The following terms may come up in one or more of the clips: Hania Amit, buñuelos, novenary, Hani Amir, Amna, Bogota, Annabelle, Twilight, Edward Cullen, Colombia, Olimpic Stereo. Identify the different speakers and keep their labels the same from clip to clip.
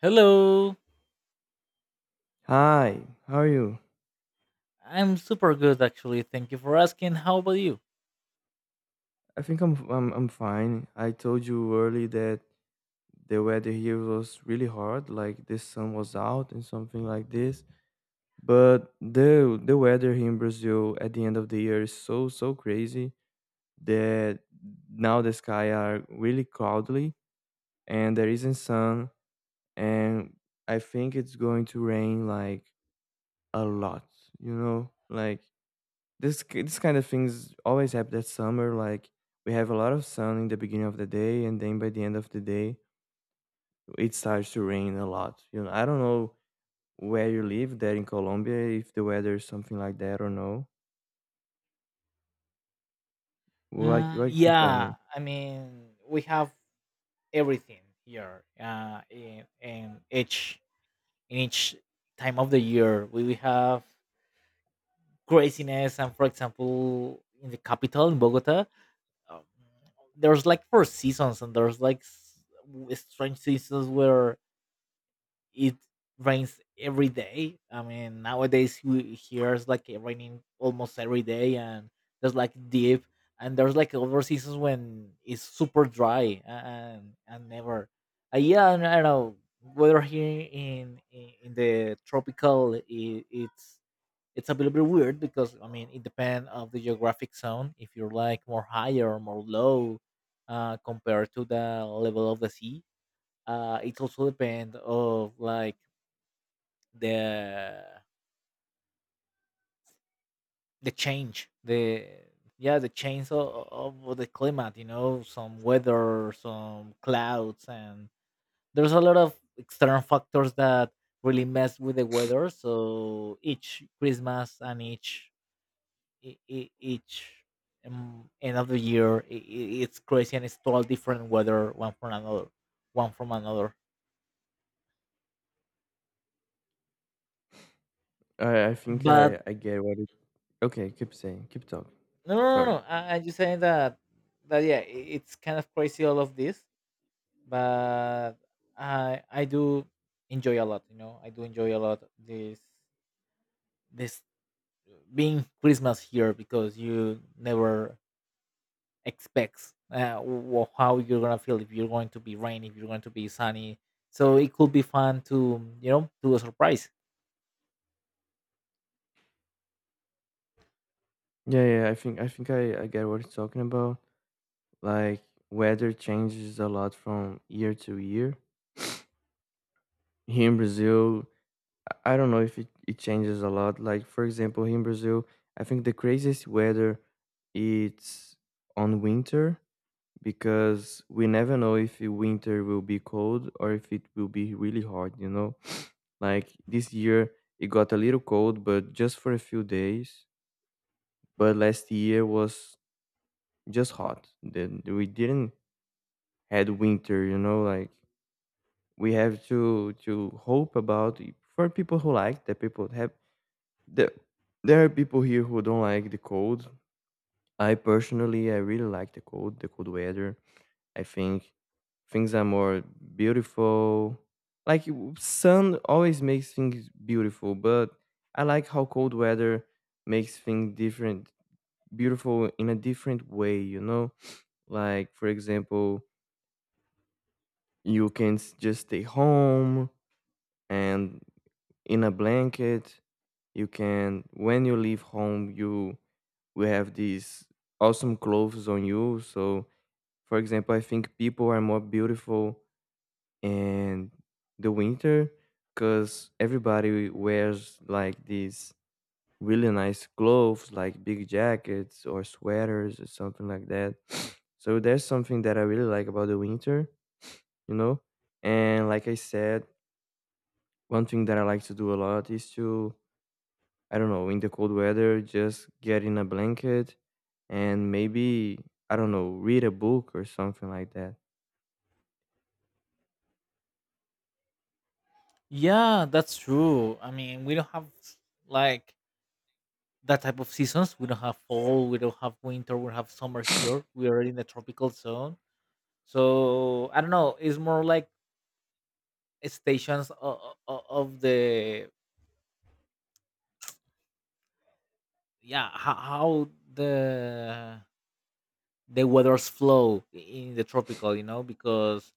Speaker 1: Hello.
Speaker 2: Hi, how are you?
Speaker 1: I'm super good, actually. Thank you for asking. How about you?
Speaker 2: I think I'm fine. I told you early that the weather here was really hard, like the sun was out and something like this. But the weather here in Brazil at the end of the year is so so crazy that now the sky are really cloudy and there isn't sun, and I think it's going to rain like a lot, you know? Like this kind of things always happen that summer. Like we have a lot of sun in the beginning of the day, and then by the end of the day, it starts to rain a lot. You know, I don't know where you live there in Colombia if the weather is something like that or no. What what can you tell me?
Speaker 1: Yeah, I mean, we have everything here. In each time of the year, we have craziness, and for example, in the capital in Bogota, um, there's like four seasons, and there's like strange seasons where it rains every day. I mean, nowadays we hears like it raining almost every day, and there's like deep, and there's like other seasons when it's super dry and never. Yeah, I don't know. Weather here in the tropical, I it's it's a little bit weird because I mean it depends of the geographic zone. If you're like more higher or more low, compared to the level of the sea, it also depends of like the the change the yeah the change of the climate, you know, some weather, some clouds, and there's a lot of external factors that really mess with the weather. So each Christmas and each e- e- each end of the year it's crazy, and it's total different weather one from another.
Speaker 2: I think
Speaker 1: But
Speaker 2: I get what it. Okay, keep saying, keep talking.
Speaker 1: no no no,
Speaker 2: Sorry.
Speaker 1: no. I'm just saying that that, yeah, it's kind of crazy all of this. But I do enjoy a lot. You know, I do enjoy a lot this this being Christmas here, because you never expects how you're gonna feel, if you're going to be rain, if you're going to be sunny. So it could be fun to, you know, do a surprise.
Speaker 2: Yeah, yeah. I think I get what it's talking about. Like weather changes a lot from year to year. Here in Brazil, I don't know if it changes a lot. Like for example, here in Brazil, I think the craziest weather it's on winter, because we never know if the winter will be cold or if it will be really hot, you know? Like this year it got a little cold but just for a few days. But last year was just hot. Then we didn't had winter, you know, like we have to hope about it. For people who like that, people have the, there are people here who don't like the cold. I personally, I really like the cold weather. I think things are more beautiful. Like sun always makes things beautiful, but I like how cold weather makes things different, beautiful in a different way. You know, like for example, you can just stay home and in a blanket. You can, when you leave home, you will have these awesome clothes on you. So, for example, I think people are more beautiful in the winter because everybody wears like these really nice clothes, like big jackets or sweaters or something like that. So there's something that I really like about the winter, you know. And like I said, one thing that I like to do a lot is to, I don't know, in the cold weather, just get in a blanket and maybe, I don't know, read a book or something like that.
Speaker 1: Yeah, that's true. I mean, we don't have like that type of seasons. We don't have fall, we don't have winter, we don't have summer here. We are in the tropical zone. So I don't know. It's more like stations of the, yeah, how the weather's flow in the tropical, you know, because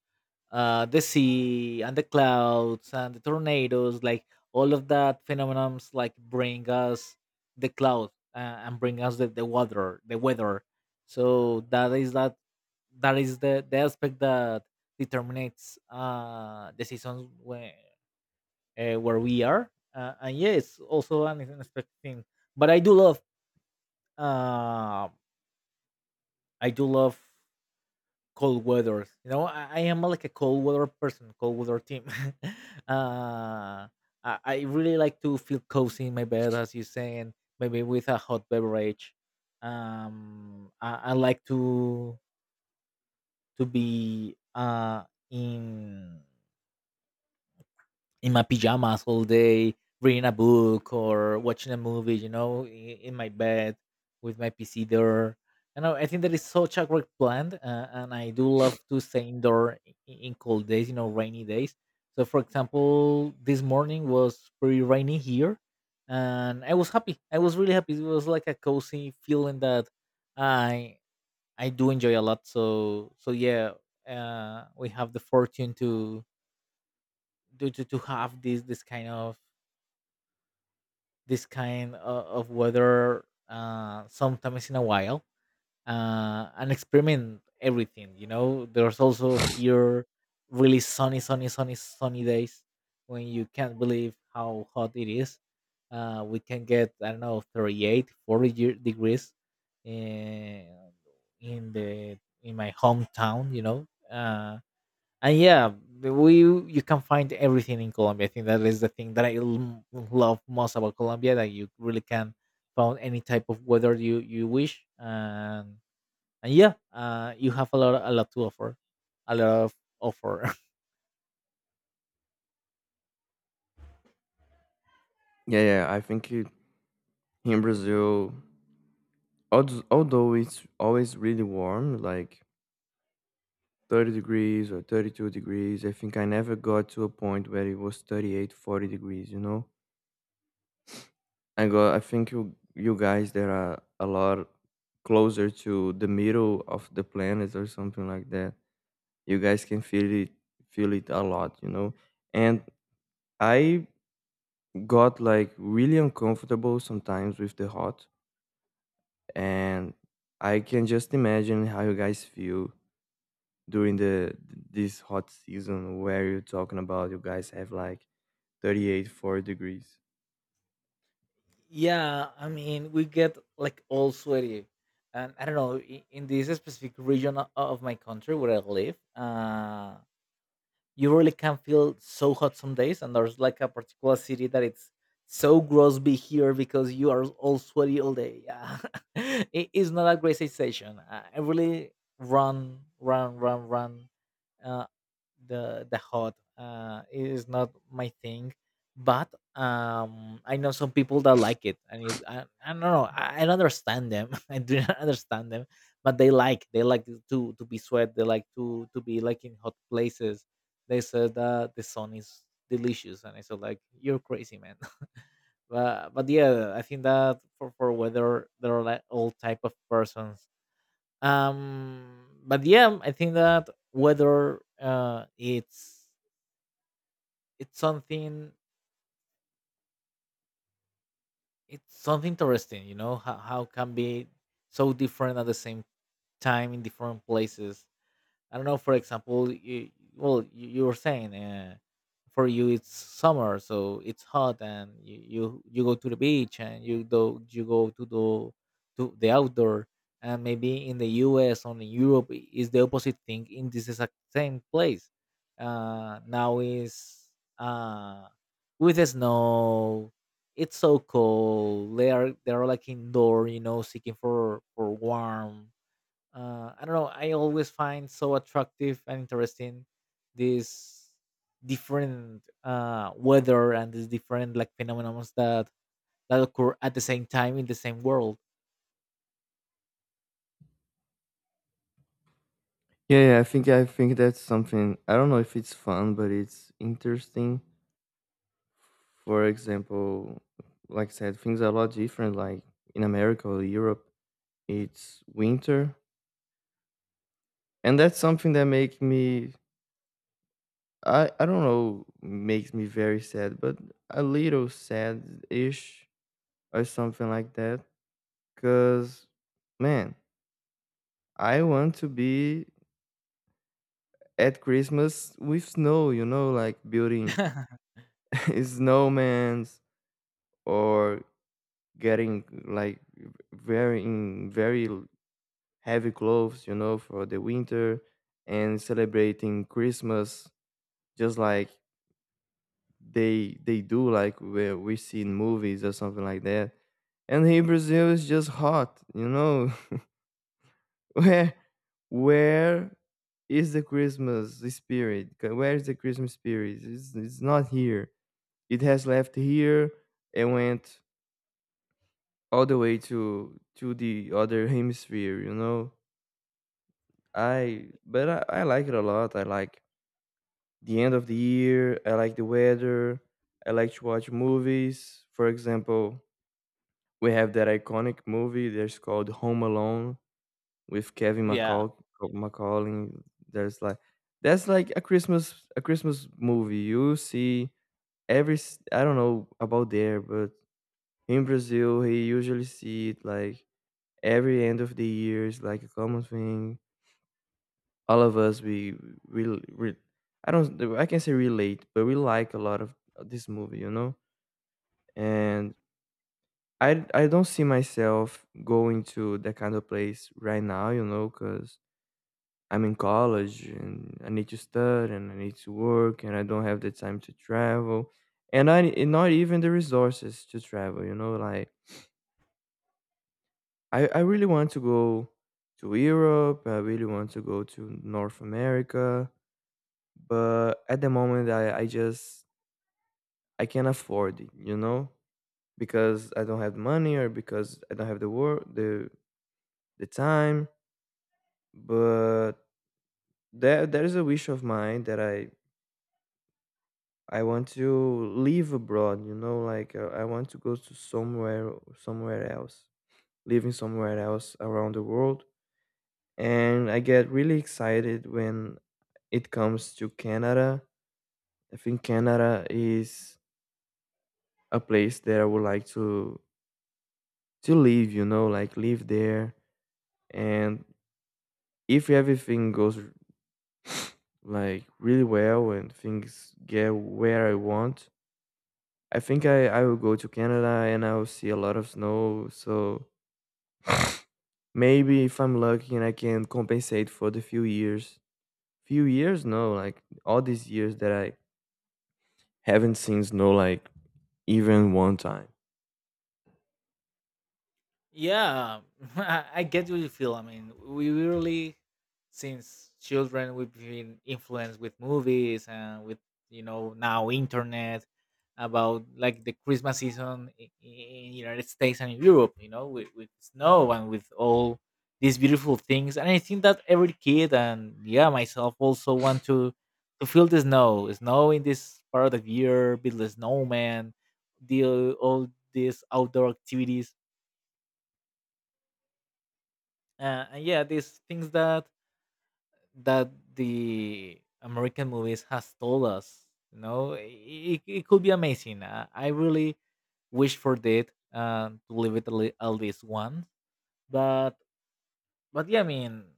Speaker 1: the sea and the clouds and the tornadoes, like all of that phenomenons like bring us the cloud, and bring us the water the weather. So that is that, that is the aspect that determines the seasons when where we are. And yeah, it's also an unexpected thing. But I do love, uh, I do love cold weather. You know, I am like a cold weather person, cold weather team. uh, I, I really like to feel cozy in my bed, as you say, and maybe with a hot beverage. I like to be in in my pajamas all day, reading a book or watching a movie, you know, in my bed with my PC there. And I think that is such a great plan. And I do love to stay indoor in cold days, you know, rainy days. So, for example, this morning was pretty rainy here. And I was happy. I was really happy. It was like a cozy feeling that I I do enjoy a lot. So yeah, we have the fortune to to have this kind of weather, sometimes in a while, and experiment everything. You know, there's also here really sunny days when you can't believe how hot it is. We can get, I don't know, 38 40 year- degrees in in the in my hometown. You know. Uh, and yeah, the- we you can find everything in Colombia. I think that is the thing that love most about Colombia, that you really can find any type of weather you wish. And yeah, you have a lot to offer, a lot of offer.
Speaker 2: Yeah, yeah, I think it, in Brazil, although it's always really warm, like 30 degrees or 32 degrees, I think I never got to a point where it was 38, 40 degrees, you know? I think you guys there are a lot closer to the middle of the planet or something like that. You guys can feel it a lot, you know. And I got like really uncomfortable sometimes with the hot, and I can just imagine how you guys feel during the this hot season where you're talking about you guys have like 38 4 degrees.
Speaker 1: Yeah, I mean, we get like all sweaty, and I don't know, in this specific region of my country where I live, you really can feel so hot some days, and there's like a particular city that it's so gross be here, because you are all sweaty all day. Yeah. It is not a great sensation. I really run run, uh, the hot is not my thing. But I know some people that like it, and it's, I don't know, I don't understand them. I do not understand them. But they like, they like to be sweat. They like to be like in hot places. They said that the sun is delicious, and I said like you're crazy, man. But yeah, I think that for weather there are like all type of persons. But yeah, I think that whether it's something, it's something interesting, you know, how can be so different at the same time in different places. I don't know. For example, you, you were saying, for you it's summer, so it's hot, and you go to the beach, and you go to the outdoor, and maybe in the U.S. or in Europe is the opposite thing. In this exact same place, now is, uh, with the snow. It's so cold. They are like indoor, you know, seeking for warm. I don't know. I always find so attractive and interesting these different, weather and these different like phenomena that that occur at the same time in the same world.
Speaker 2: Yeah, yeah, I think that's something. I don't know if it's fun, but it's interesting. For example, like I said, things are a lot different. Like in America or Europe, it's winter. And that's something that make me, I don't know, makes me very sad, but a little sad-ish or something like that. Cause, man, I want to be at Christmas with snow, you know, like building snowmans or getting like wearing very heavy clothes, you know, for the winter and celebrating Christmas just like they do like where we see in movies or something like that. And here in Brazil is just hot, you know. Where where is the Christmas spirit? Where is the Christmas spirit? It's not here. It has left here and went all the way to the other hemisphere, you know. I but I like it a lot. I like the end of the year. I like the weather. I like to watch movies. For example, we have that iconic movie that's called Home Alone with Kevin
Speaker 1: Yeah,
Speaker 2: McCalling. There's like that's like a Christmas movie. You see, I don't know about there, but in Brazil he usually see it like every end of the year is like a common thing. All of us, we, we I don't I can say relate, but we like a lot of this movie, you know? And I don't see myself going to that kind of place right now, you know, because I'm in college and I need to study and I need to work and I don't have the time to travel, and I and not even the resources to travel, you know, like I really want to go to Europe, I really want to go to North America, but at the moment I can't afford it, you know, because I don't have money or because I don't have the work the time, but there is a wish of mine that I want to live abroad. You know, like I want to go to somewhere else, living somewhere else around the world. And I get really excited when it comes to Canada. I think Canada is a place that I would like to live. You know, like live there. And if everything goes like really well and things get where I want, I think I will go to Canada and I will see a lot of snow. So maybe if I'm lucky, and I can compensate for the few years, no, like all these years that I haven't seen snow, like even one time.
Speaker 1: yeah, I get what you feel. I mean, we really, since children, we've been influenced with movies and with, you know, now internet, about like the Christmas season in United States and Europe. You know, with snow and with all these beautiful things. And I think that every kid, and yeah, myself also, want to feel the snow, snow in this part of the year, build a snowman, deal all these outdoor activities, and yeah, these things that that the American movies has told us, you know, it could be amazing. I really wish for that, to live it at at least once. But but yeah, I mean,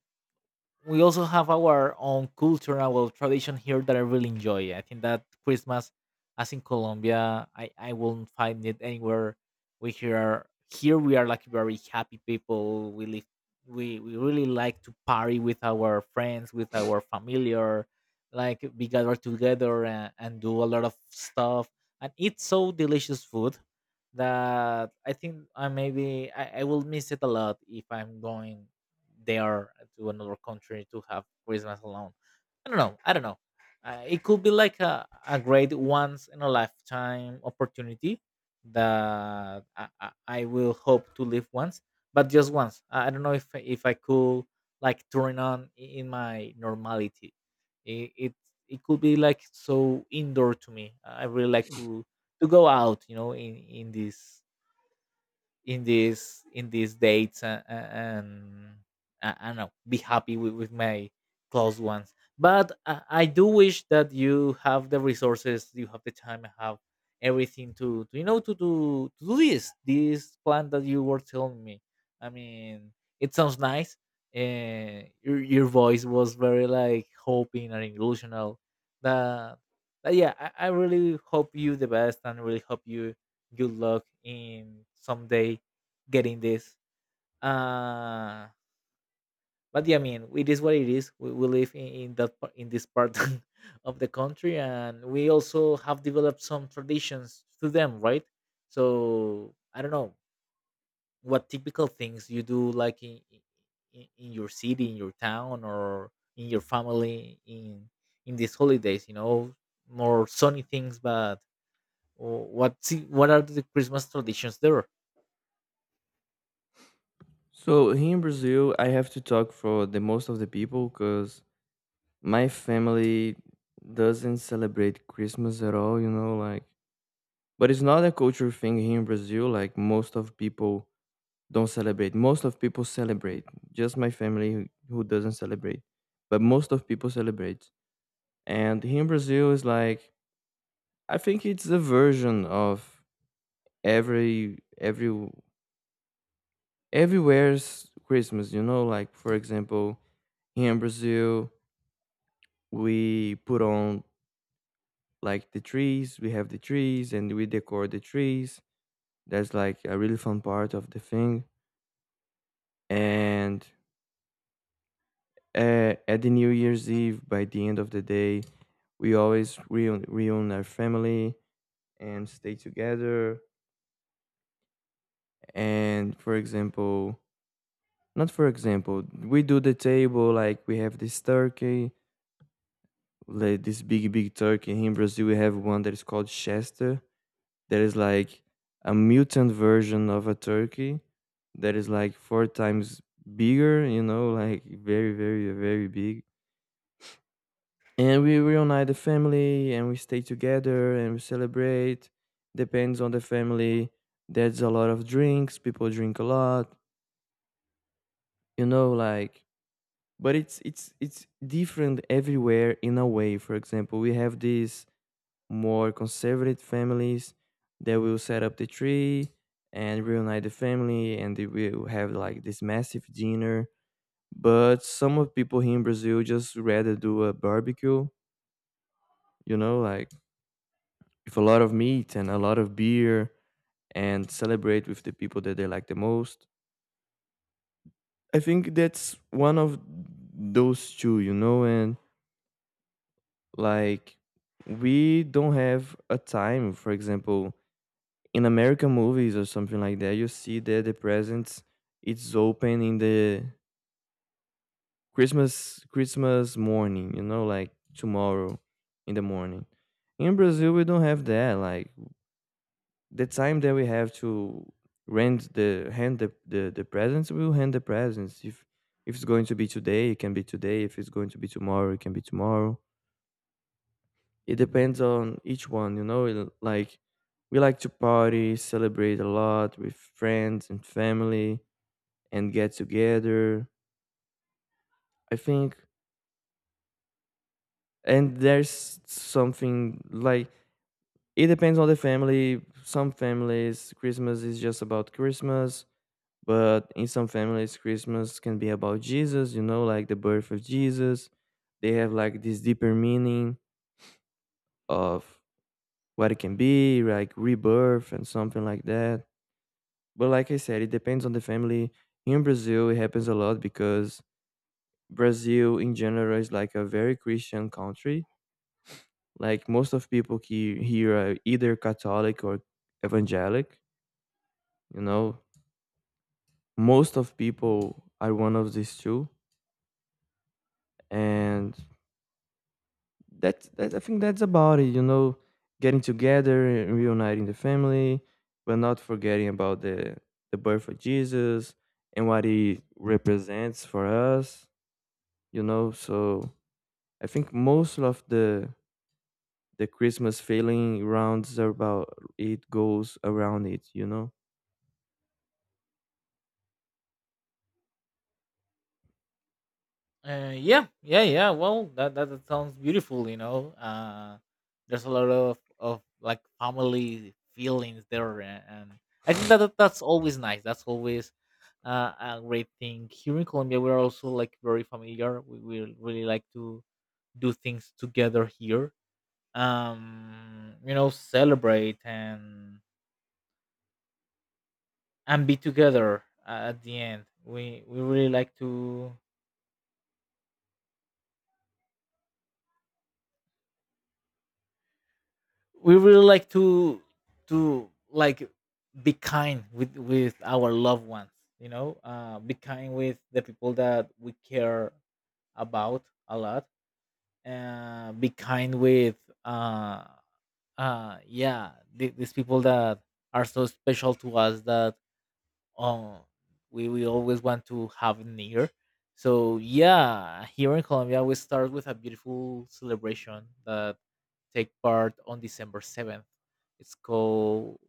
Speaker 1: we also have our own culture and our tradition here that I really enjoy. I think that Christmas, as in Colombia, I won't find it anywhere. We here we are like very happy people. We really like to party with our friends, with our familiar, like we gather together and do a lot of stuff and eat so delicious food, that I think I will miss it a lot if I'm going, they are, to another country to have Christmas alone. I don't know. I don't know. It could be like a great once in a lifetime opportunity that I will hope to live once, but just once. I don't know if I could like turn on in my normality. It it, it could be like so indoor to me. I really like to go out, you know, in these dates, and I don't know, be happy with my close ones. But I do wish that you have the resources, you have the time, have everything to, you know, to do, to do this this plan that you were telling me. I mean, it sounds nice, and your voice was very like hoping and illusional that, that yeah, I really hope you the best, and really hope you good luck in someday getting this. Uh, but yeah, I mean, it is what it is. We live in that par- in this part of the country, and we also have developed some traditions to them, right? So I don't know what typical things you do, like in your city, in your town, or in your family in these holidays. You know, more sunny things, but what what are the Christmas traditions there?
Speaker 2: So here in Brazil, I have to talk for the most of the people, because my family doesn't celebrate Christmas at all, you know, like, but it's not a cultural thing here in Brazil. Like most of people don't celebrate. Most of people celebrate. Just my family who doesn't celebrate. But most of people celebrate. And here in Brazil is like, I think it's a version of every every everywhere's Christmas, you know, like for example, here in Brazil we put on like the trees, we have the trees and we decor the trees. That's like a really fun part of the thing. And at the new year's eve, by the end of the day, we always reun reun our family and stay together. And for example, not for example, we do the table, like we have this turkey, like this big big turkey. Here in Brazil we have one that is called chester. There is like a mutant version of a turkey that is like four times bigger, you know, like very, very, very big. And we reunite the family and we stay together and we celebrate. Depends on the family. There's a lot of drinks, people drink a lot, you know, like, but it's different everywhere in a way. For example, we have this more conservative families that will set up the tree and reunite the family and they will have like this massive dinner, but some of people here in Brazil just rather do a barbecue, you know, like with a lot of meat and a lot of beer, and celebrate with the people that they like the most. I think that's one of those two, you know. And like, we don't have a time. For example, in American movies or something like that, you see that the presents it's open in the Christmas morning, you know, like tomorrow in the morning. In Brazil, we don't have that. Like the time that we have to rent the hand the presents, we'll hand the presents. If it's going to be today, it can be today. If it's going to be tomorrow, it can be tomorrow. It depends on each one, you know. Like we like to party, celebrate a lot with friends and family and get together. I think, and there's something like, it depends on the family. Some families, Christmas is just about Christmas, but in some families, Christmas can be about Jesus, you know, like the birth of Jesus. They have like this deeper meaning of what it can be, like rebirth and something like that. But like I said, it depends on the family. Here in Brazil, it happens a lot because Brazil in general is like a very Christian country. Like most of people here are either Catholic or evangelic, you know. Most of people are one of these two. And that's that I think that's about it, you know, getting together and reuniting the family, but not forgetting about the birth of Jesus and what he represents for us, you know. So I think most of the Christmas feeling rounds are about, it goes around it, you know.
Speaker 1: Yeah, yeah, yeah. Well, that sounds beautiful. You know, there's a lot of like family feelings there, and I think that, that that's always nice. That's always, a great thing. Here in Colombia, we're also like very familiar. We really like to do things together here. Celebrate and be together at the end we really like to we really like to to like be kind with our loved ones. Be kind with the people that we care about a lot. Be kind with uh yeah, these people that are so special to us, that um we always want to have near. So yeah, here in Colombia we start with a beautiful celebration that take part on december 7th. It's called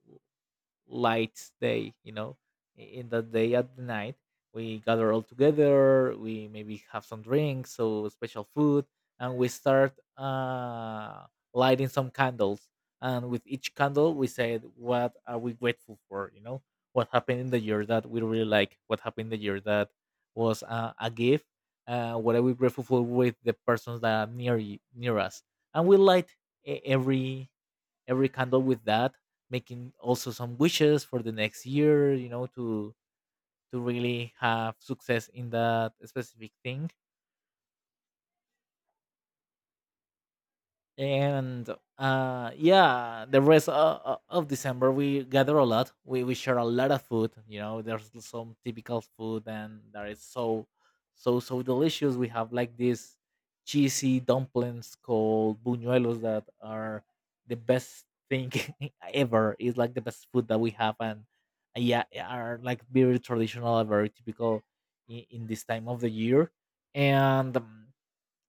Speaker 1: light day, you know. In that day at the night, we gather all together, we maybe have some drinks, so special food, and we start lighting some candles, and with each candle we said what are we grateful for, you know, what happened in the year that we really like, what happened in the year that was a gift. What are we grateful for with the persons that are near near us, and we light e- every every candle with that, making also some wishes for the next year, you know, to really have success in that specific thing. And yeah, the rest of december we gather a lot, we share a lot of food, you know. There's some typical food and that is so so delicious. We have like these cheesy dumplings called buñuelos that are the best thing ever. It's like the best food that we have, and yeah, are like very traditional, very typical in this time of the year. And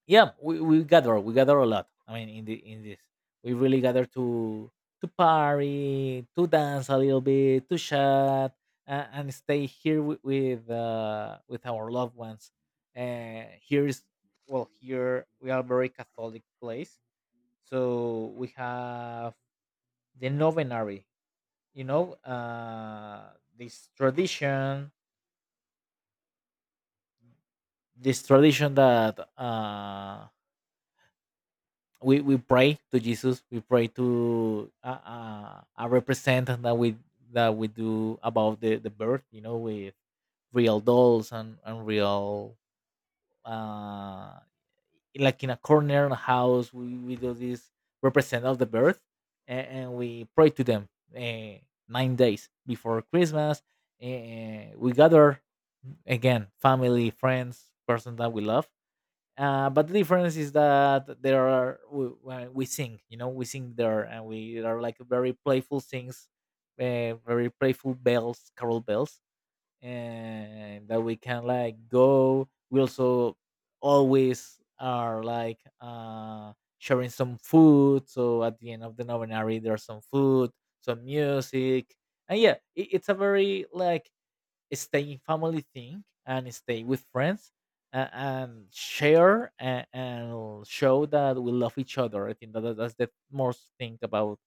Speaker 1: yeah, we gather, we gather a lot, I mean in the in this, we really gather to party, to dance a little bit, to chat, and stay here with our loved ones. Here is Well, here we are a very catholic place, so we have the novenary, you know. This tradition this tradition that we pray to Jesus. We pray to a representative that we do about the birth. You know, with real dolls and real uh, like in a corner in a house. We do this represent of the birth, and we pray to them uh, 9 days before Christmas. We gather again, family, friends, person that we love, but the difference is that there are we, when we sing, you know, we sing there, and we are like very playful things, very playful bells, carol bells, and that we can like go. We also always are like sharing some food. So at the end of the novenary, there's some food, some music, and yeah, it's a very like stay in family thing and stay with friends, and share and show that we love each other. I think that that's the most thing about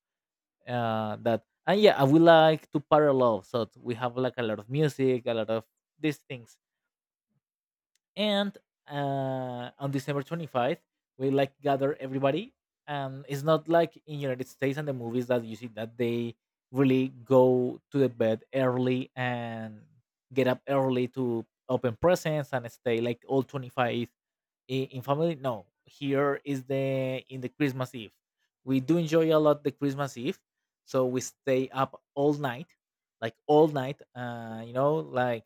Speaker 1: that. And yeah, I would like to parallel. So we have like a lot of music, a lot of these things, and on December 25th we like gather everybody. And it's not like in United States and the movies that you see that they really go to the bed early and get up early to open presents and stay like all 25 in family. No, here is the in the christmas eve, we do enjoy a lot the christmas eve, so we stay up all night, like all night, you know, like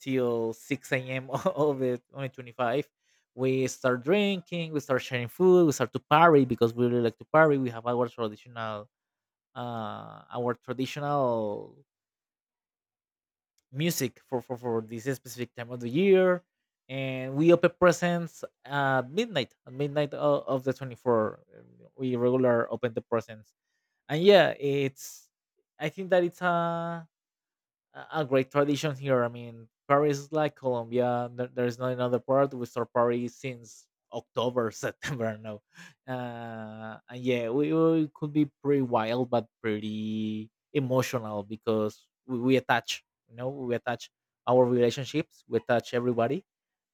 Speaker 1: till 6 a.m of the on the 25. We start drinking, we start sharing food, we start to party, because we really like to party. We have our traditional music for this specific time of the year. And we open presents at midnight of the 24. We regular open the presents. And yeah, I think that it's a, a great tradition here. I mean, Paris is like Colombia. There's not another part. We start Paris since October, September. No. And yeah, we could be pretty wild, but pretty emotional, because we attach. You know, we attach our relationships, we attach everybody.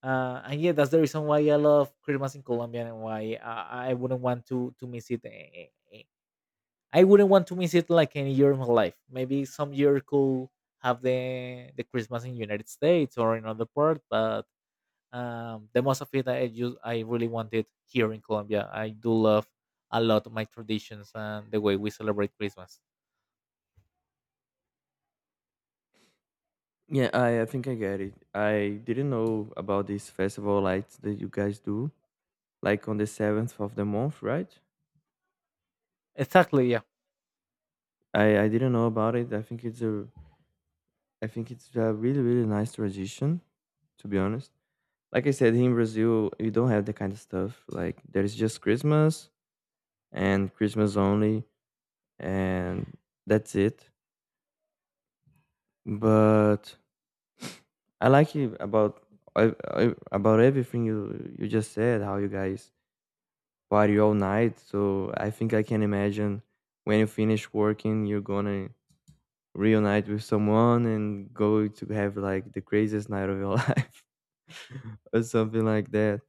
Speaker 1: And yeah, that's the reason why I love Christmas in Colombia, and why I wouldn't want to miss it I wouldn't want to miss it like any year of my life. Maybe some year could have the Christmas in United States or in other part, but the most of it, I really want it here in Colombia. I do love a lot my traditions and the way we celebrate Christmas.
Speaker 2: Yeah, I think I get it. I didn't know about these festival lights that you guys do, like on the seventh of the month, right?
Speaker 1: Exactly, yeah,
Speaker 2: I didn't know about it. I think it's a really really nice tradition, to be honest. Like I said, in Brazil, you don't have that kind of stuff. Like there is just Christmas and Christmas only, and that's it. But I like it about I, about everything you just said. How you guys party all night. So I think I can imagine, when you finish working, you're gonna reunite with someone and go to have like the craziest night of your life or something like that.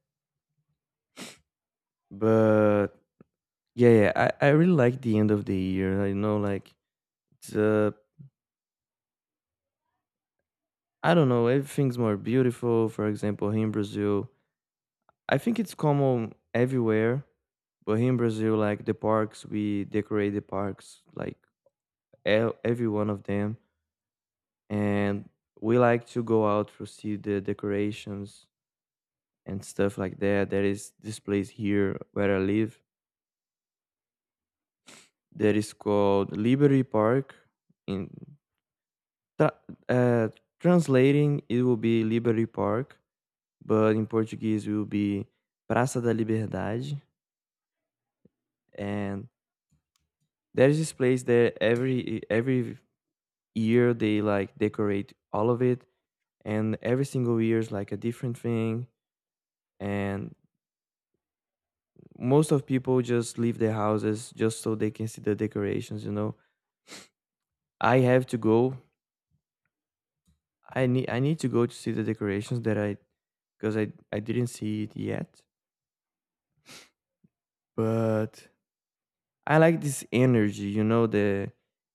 Speaker 2: But yeah, yeah, I really like the end of the year. You know, like it's, I don't know, everything's more beautiful. For example, here in Brazil, I think it's common everywhere. But here in Brazil, like the parks, we decorate the parks, like every one of them, and we like to go out to see the decorations and stuff like that. There is this place here where I live that is called Liberty Park. In tra- uh, translating, it will be Liberty Park, but in Portuguese, it will be Praça da Liberdade. And there is this place there, every year they like decorate all of it, and every single year is like a different thing. And most of people just leave their houses just so they can see the decorations, you know. I have to go, I need to go to see the decorations, that I because I didn't see it yet. But I like this energy, you know, the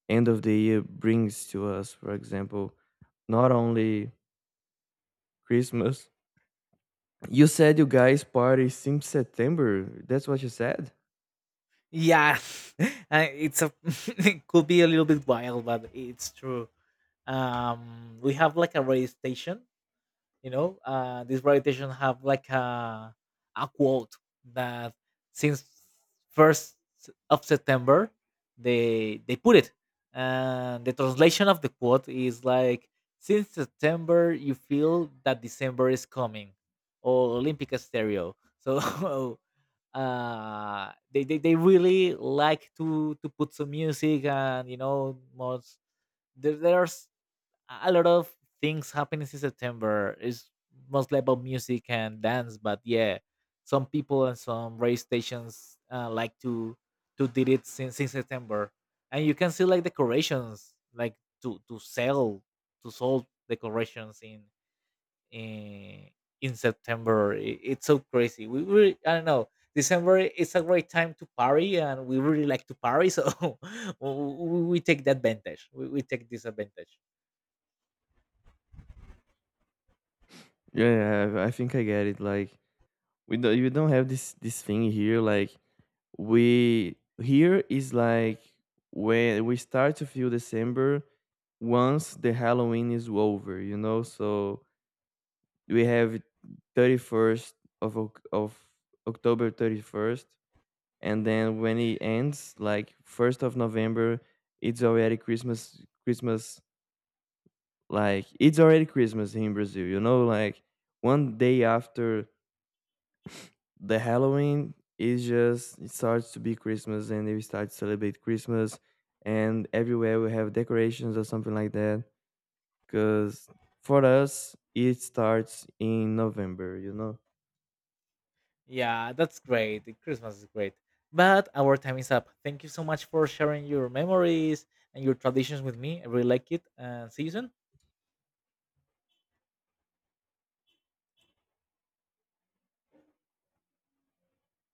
Speaker 2: end of the year brings to us. For example, not only Christmas. You said you guys party since September. That's what you said.
Speaker 1: yeah. It's a it could be a little bit wild, but it's true. We have like a radio station, you know. These politicians have like a quote that since 1st of september they put it, and the translation of the quote is like, since september you feel that december is coming, or olympic stereo, so they really like to put some music, and you know most there's a lot of things happening in September. It's mostly about music and dance, but yeah, some people and some radio stations like to did it since September, and you can see like decorations, like to sell decorations in in in September. It's so crazy. We really I don't know. December is a great time to party, and we really like to party, so we, we take the advantage. We take this advantage.
Speaker 2: Yeah, I think I get it. Like, we don't you don't have this thing here. Like, we here is like when we start to feel December once the Halloween is over, you know. So we have 31st of Oc- of October 31st, and then when it ends, like 1st of November, it's already Christmas. Christmas, like it's already Christmas in Brazil, you know. Like one day after the Halloween, is just it starts to be Christmas and we start to celebrate Christmas, and everywhere we have decorations or something like that, because for us it starts in November, you know.
Speaker 1: Yeah, that's great. The Christmas is great. But our time is up. Thank you so much for sharing your memories and your traditions with me. I really like it. And see you soon.